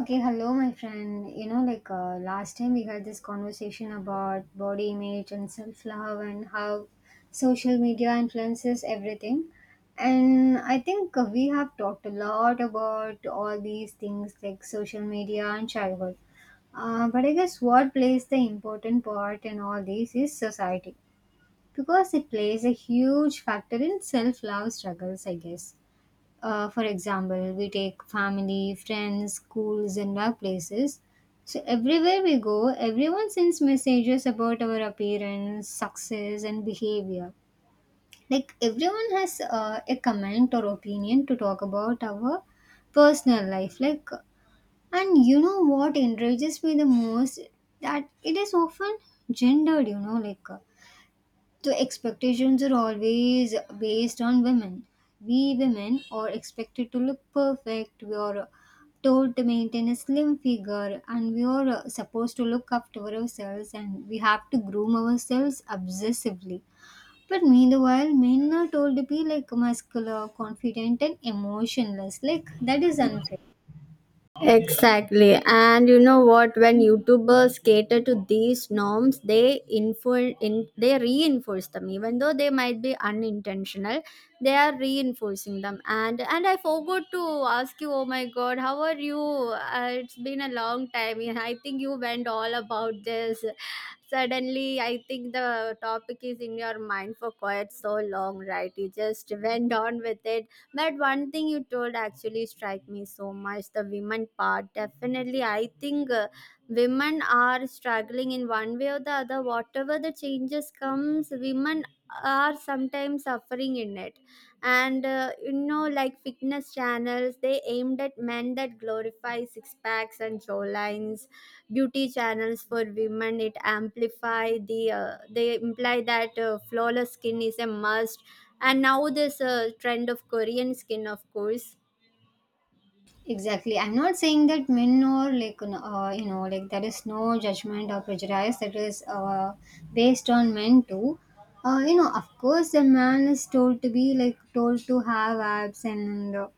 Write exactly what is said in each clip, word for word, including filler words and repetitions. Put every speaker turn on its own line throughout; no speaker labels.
Okay, hello, my friend. You know, like uh, last time we had this conversation about body image and self love and how social media influences everything. And I think uh, we have talked a lot about all these things like social media and childhood. Uh, but I guess what plays the important part in all this is society because it plays a huge factor in self love struggles, I guess. Uh, for example, we take family, friends, schools, and workplaces. So, everywhere we go, everyone sends messages about our appearance, success, and behavior. Like, everyone has uh, a comment or opinion to talk about our personal life. Like, and you know what enrages me the most? That it is often gendered, you know, like. Uh, The expectations are always based on women. We women are expected to look perfect. We are told to maintain a slim figure, and we are uh, supposed to look after ourselves, and we have to groom ourselves obsessively. But meanwhile, men are told to be like muscular, confident, and emotionless. Like, that is unfair.
Exactly. And you know what? When YouTubers cater to these norms, they info- in they reinforce them. Even though they might be unintentional, they are reinforcing them. And and I forgot to ask you, oh my god, how are you? Uh, it's been a long time. Yeah, I think you went all about this. Suddenly, I think the topic is in your mind for quite so long, right? You just went on with it, but one thing you told actually strike me so much, the women part. Definitely, I think uh, women are struggling in one way or the other. Whatever the changes comes, women are sometimes suffering in it. And uh, you know, like fitness channels, they aimed at men that glorify six packs and showlines. Beauty channels for women, it amplify the uh, they imply that uh, flawless skin is a must, and now there's a trend of Korean skin, of course.
Exactly. I'm not saying that men or like, n- uh, you know, like there is no judgment or prejudice that is uh, based on men too. Uh, you know, of course, a man is told to be like told to have abs and uh,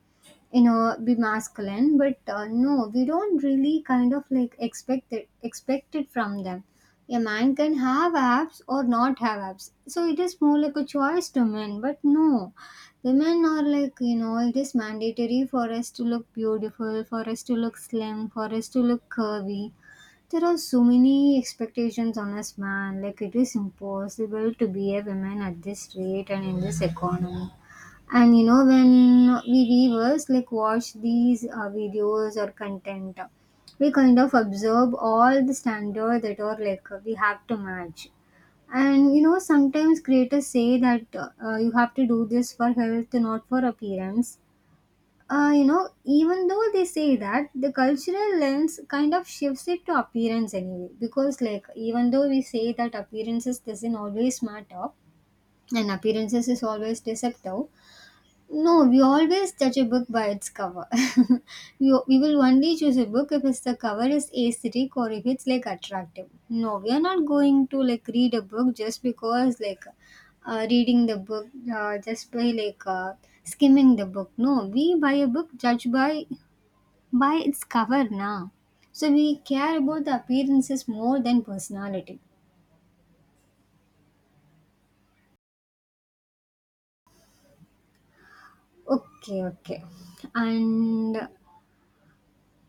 you know, be masculine, but uh, no, we don't really kind of like expect it expect it from them. A man can have abs or not have abs, so it is more like a choice to men. But no, women are, like, you know, it is mandatory for us to look beautiful, for us to look slim, for us to look curvy. There are so many expectations on us, man. Like, it is impossible to be a woman at this rate and in this economy. And you know, when we viewers like watch these uh, videos or content, we kind of observe all the standard that are like we have to match. And you know, sometimes creators say that uh, uh, you have to do this for health, not for appearance. Uh, you know, even though they say that, the cultural lens kind of shifts it to appearance anyway. Because, like, even though we say that appearances doesn't always matter and appearances is always deceptive, no, we always judge a book by its cover. we, we will only choose a book if its the cover is aesthetic or if it's like attractive. No, we are not going to like read a book just because like uh, reading the book uh, just by like uh, skimming the book. No, we buy a book judged by by its cover now. So we care about the appearances more than personality. Okay, okay, and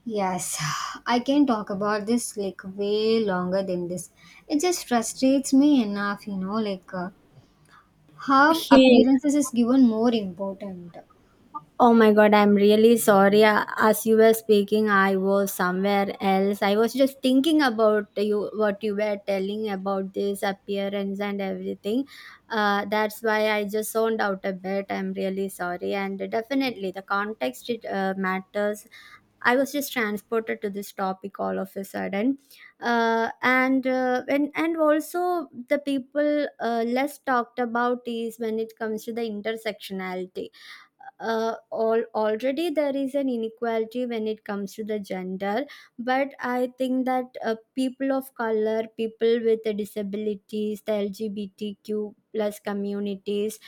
yes, I can talk about this like way longer than this. It just frustrates me enough, you know, like uh, how
Hey,
appearances is given more important.
oh my god, I'm really sorry. A- As you were speaking, I was somewhere else. I was just thinking about you, what you were telling about this appearance and everything. Uh, that's why I just zoned out a bit. I'm really sorry. And definitely, the context it, uh, matters. I was just transported to this topic all of a sudden, uh, and uh, and and also the people uh, less talked about is when it comes to the intersectionality, uh, all, already there is an inequality when it comes to the gender, but I think that uh, people of color, people with the disabilities, the LGBTQ plus communities,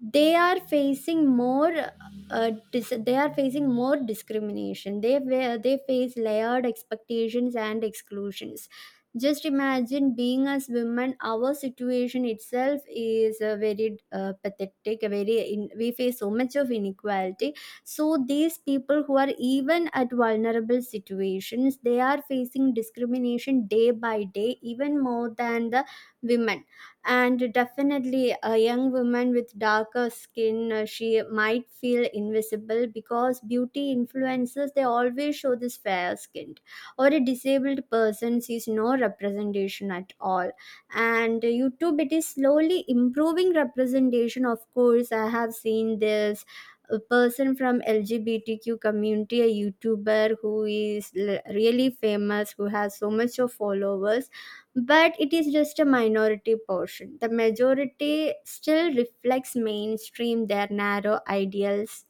they are facing more, uh, dis- they are facing more discrimination, they wa- they face layered expectations and exclusions. Just imagine being as women, our situation itself is uh, very uh, pathetic. Very in, we face so much of inequality. So these people who are even at vulnerable situations, they are facing discrimination day by day, even more than the women. And definitely, a young woman with darker skin, uh, she might feel invisible, because beauty influencers, they always show this fair skin, or a disabled person sees no representation at all. And YouTube, it is slowly improving representation, of course. I have seen this. A person from LGBTQ community, a YouTuber who is l- really famous, who has so much of followers, but it is just a minority portion. The majority still reflects mainstream, their narrow ideals.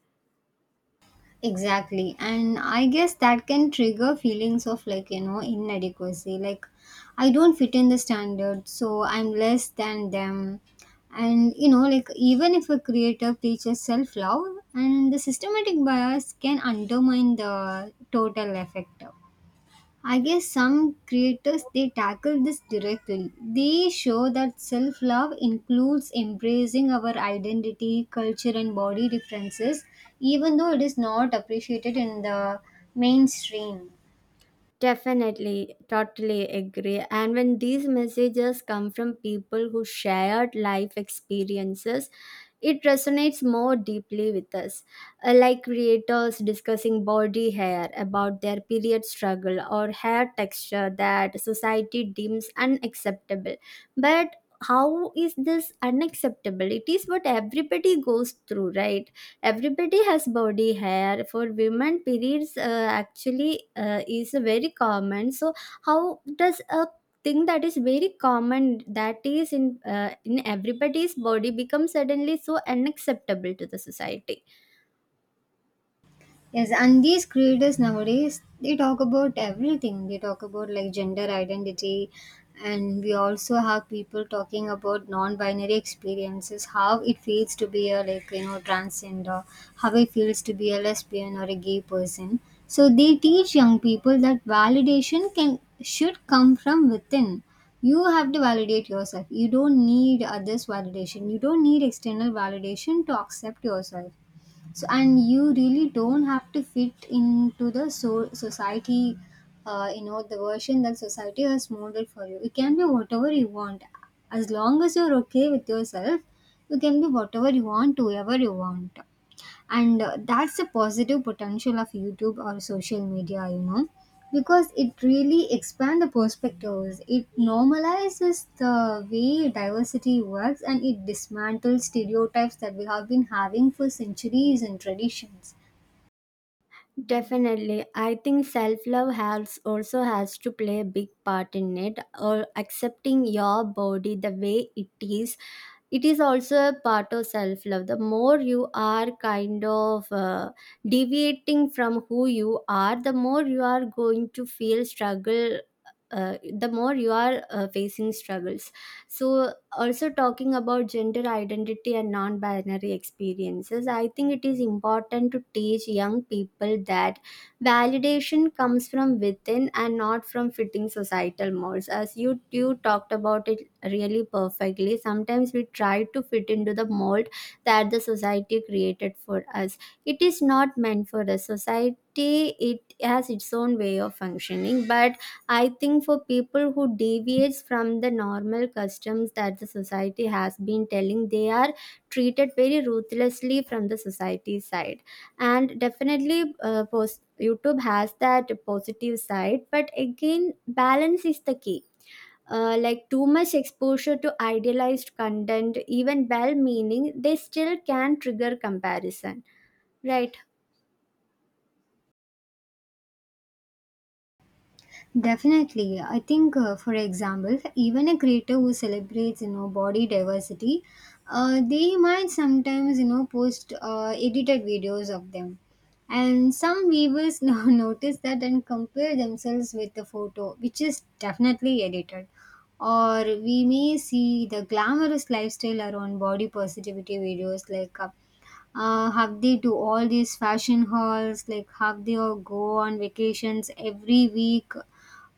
Exactly. And I guess that can trigger feelings of like, you know, inadequacy. Like, I don't fit in the standard, so I'm less than them. And, you know, like, even if a creator teaches self love, and the systematic bias can undermine the total effect. I guess some creators they tackle this directly. They show that self love includes embracing our identity, culture, and body differences, even though it is not appreciated in the mainstream.
Definitely, totally agree. And when these messages come from people who shared life experiences, it resonates more deeply with us, uh, like creators discussing body hair, about their period struggle, or hair texture that society deems unacceptable. But how is this unacceptable? It is what everybody goes through, right? Everybody has body hair. For women, periods uh, actually uh, is very common. So, how does a thing that is very common, that is in uh, in everybody's body, becomes suddenly so unacceptable to the society?
Yes, and these creators nowadays they talk about everything. They talk about like gender identity, and we also have people talking about non-binary experiences, how it feels to be a like you know transgender, how it feels to be a lesbian or a gay person. So they teach young people that validation can should come from within. You have to validate yourself. You don't need others' validation. You don't need external validation to accept yourself. So, and you really don't have to fit into the so- society, uh, you know, the version that society has molded for you. You can be whatever you want, as long as you're okay with yourself. You can be whatever you want, whoever you want. And uh, that's the positive potential of YouTube or social media, you know, because it really expand the perspectives, it normalizes the way diversity works, and it dismantles stereotypes that we have been having for centuries and traditions.
Definitely. I think self love has also has to play a big part in it, or accepting your body the way it is. It is also a part of self love. The more you are kind of uh, deviating from who you are, the more you are going to feel struggle. Uh, the more you are uh, facing struggles. So, also talking about gender identity and non-binary experiences, I think it is important to teach young people that validation comes from within and not from fitting societal molds, as you you talked about it really perfectly. Sometimes we try to fit into the mold that the society created for us. It is not meant for us, society. It has its own way of functioning, but I think for people who deviates from the normal customs that the society has been telling, they are treated very ruthlessly from the society side. And definitely, uh, post YouTube has that positive side, but again, balance is the key. Uh, like too much exposure to idealized content, even well meaning, they still can trigger comparison, right?
Definitely. I think, uh, for example, even a creator who celebrates, you know, body diversity, uh, they might sometimes, you know, post uh, edited videos of them. And some viewers now notice that and compare themselves with the photo, which is definitely edited. Or we may see the glamorous lifestyle around body positivity videos like uh, uh, have they do all these fashion hauls, like have they all go on vacations every week,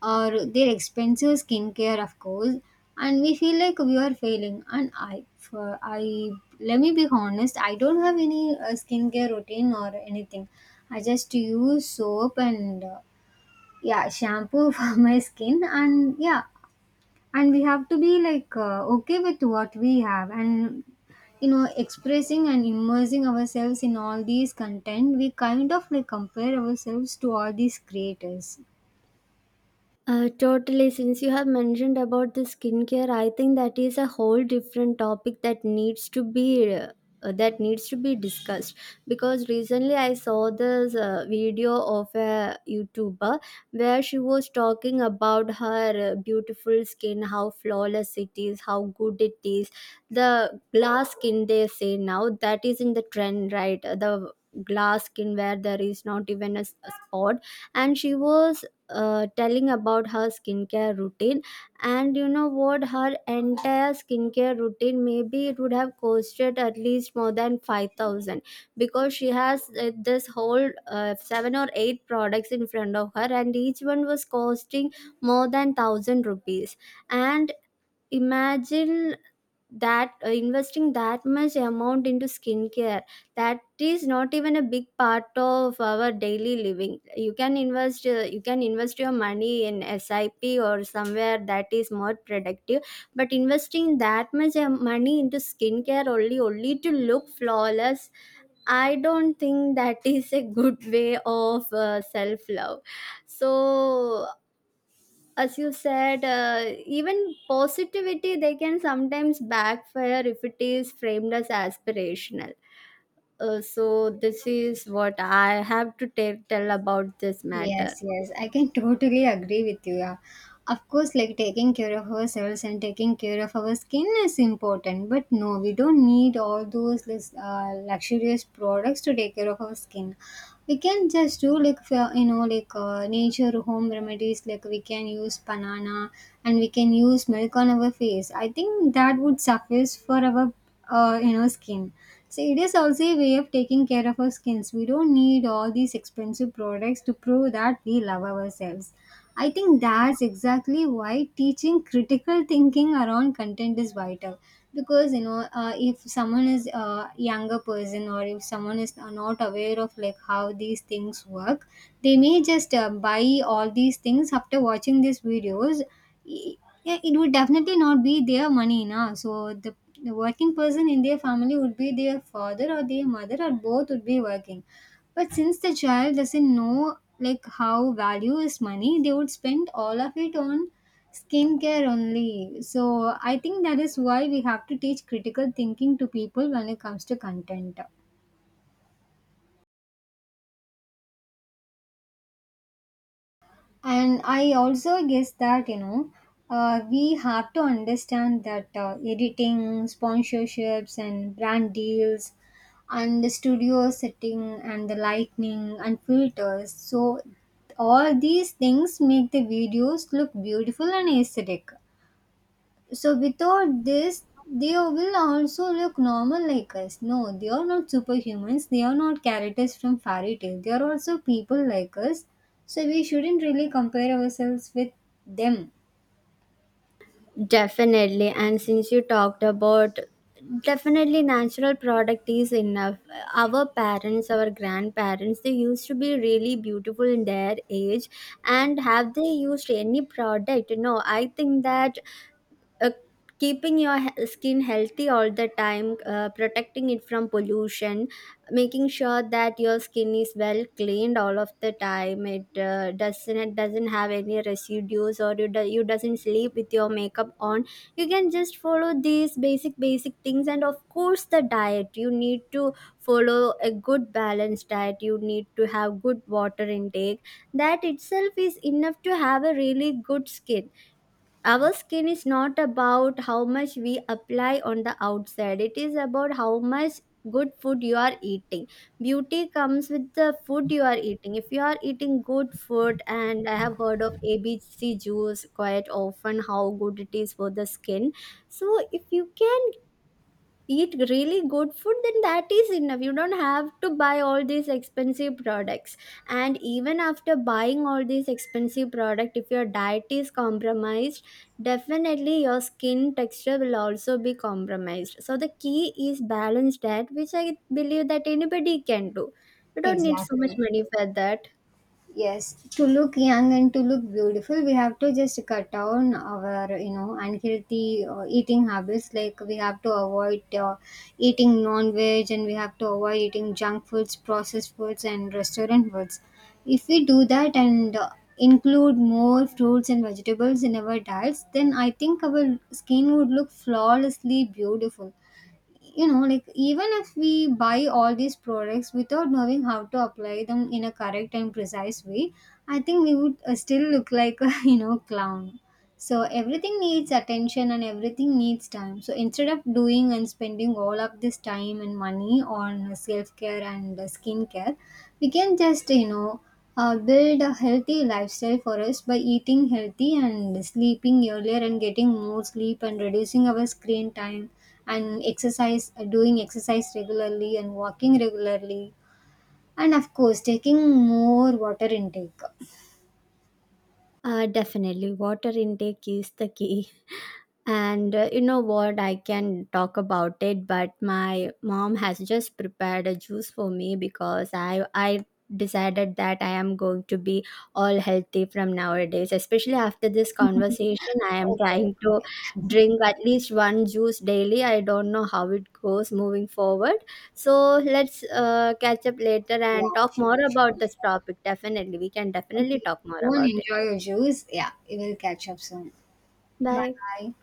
or their expensive skincare, of course. And we feel like we are failing. And i for i let me be honest, I don't have any uh, skincare routine or anything. I just use soap and uh, yeah, shampoo for my skin. And yeah, and we have to be like uh, okay with what we have. And you know, expressing and immersing ourselves in all these content, we kind of like compare ourselves to all these creators.
Uh, totally. Since you have mentioned about the skincare, I think that is a whole different topic that needs to be uh, that needs to be discussed. Because recently I saw this uh, video of a YouTuber, where she was talking about her uh, beautiful skin, how flawless it is, how good it is. The glass skin they say now that is in the trend, right? The glass skin, where there is not even a s a spot, and she was uh, telling about her skincare routine. And you know what, her entire skincare routine, maybe it would have costed at least more than five thousand, because she has uh, this whole uh, seven or eight products in front of her, and each one was costing more than one thousand rupees. And imagine that, uh, investing that much amount into skincare, that is not even a big part of our daily living. You can invest uh, you can invest your money in SIP or somewhere that is more productive, but investing that much uh, money into skincare, only only to look flawless, I don't think that is a good way of uh, self love. So, as you said, uh, even positivity, they can sometimes backfire if it is framed as aspirational. Uh, so this is what I have to tell tell about this matter.
Yes, yes, I can totally agree with you. Yeah. Of course, like taking care of ourselves and taking care of our skin is important, but no, we don't need all those lus- uh, luxurious products to take care of our skin. We can just do like fa- you know, like uh, nature home remedies. Like we can use banana and we can use milk on our face. I think that would suffice for our uh, you know, skin. So it is also a way of taking care of our skins. We don't need all these expensive products to prove that we love ourselves. I think that's exactly why teaching critical thinking around content is vital. Because you know, uh, if someone is a younger person or if someone is not aware of like how these things work, they may just uh, buy all these things after watching these videos. I- yeah, it would definitely not be their money, na. So the the working person in their family would be their father or their mother, or both would be working, but since the child doesn't know like how value is money, they would spend all of it on skincare only. So I think that is why we have to teach critical thinking to people when it comes to content. And I also guess that, you know, uh, we have to understand that uh, editing, sponsorships, and brand deals and the studio setting and the lighting and filters, so all these things make the videos look beautiful and aesthetic. So without this, they will also look normal like us. No, they are not superhumans. They are not characters from fairy tale. They are also people like us. So we shouldn't really compare ourselves with them.
Definitely. And since you talked about, definitely natural product is enough. Our parents, our grandparents, they used to be really beautiful in their age. And have they used any product? No, I think that uh, keeping your he- skin healthy all the time, uh, protecting it from pollution, making sure that your skin is well cleaned all of the time, it uh, doesn't it doesn't have any residues, or you, do, you doesn't sleep with your makeup on. You can just follow these basic basic things, and of course the diet. You need to follow a good balanced diet, you need to have good water intake, that itself is enough to have a really good skin. Our skin is not about how much we apply on the outside, it is about how much good food you are eating. Beauty comes with the food you are eating. If you are eating good food, and I have heard of ABC juice quite often, how good it is for the skin. So, if you can eat really good food, then that is enough. You don't have to buy all these expensive products, and even after buying all these expensive product, if your diet is compromised, definitely your skin texture will also be compromised. So the key is balanced diet, which I believe that anybody can do. You don't need so much
Exactly.
money for that.
Yes, to look young and to look beautiful, we have to just cut down our, you know, unhealthy uh, eating habits. Like we have to avoid uh, eating non-veg, and we have to avoid eating junk foods, processed foods, and restaurant foods. If we do that and uh, include more fruits and vegetables in our diets, then I think our skin would look flawlessly beautiful. You know, like even if we buy all these products without knowing how to apply them in a correct and precise way, I think we would uh, still look like a you know, clown. So everything needs attention and everything needs time. So instead of doing and spending all of this time and money on self care and uh, skincare, we can just, you know, uh, build a healthy lifestyle for us by eating healthy and sleeping earlier and getting more sleep and reducing our screen time and exercise, uh, doing exercise regularly and walking regularly, and of course taking more water intake.
Uh, definitely water intake is the key. And uh, you know what? I can talk about it, but my mom has just prepared a juice for me, because I I decided that I am going to be all healthy from nowadays. Especially after this conversation, I am
Okay.
trying to drink at least one juice daily. I don't know how it goes moving forward. So let's uh, catch up later
Yeah.
and talk more
Sure. Sure.
about this
Sure.
topic. Definitely, we can definitely
Okay.
talk more
Go and
about
enjoy
it.
your juice. Yeah, we will catch up soon. Bye
Bye.
bye.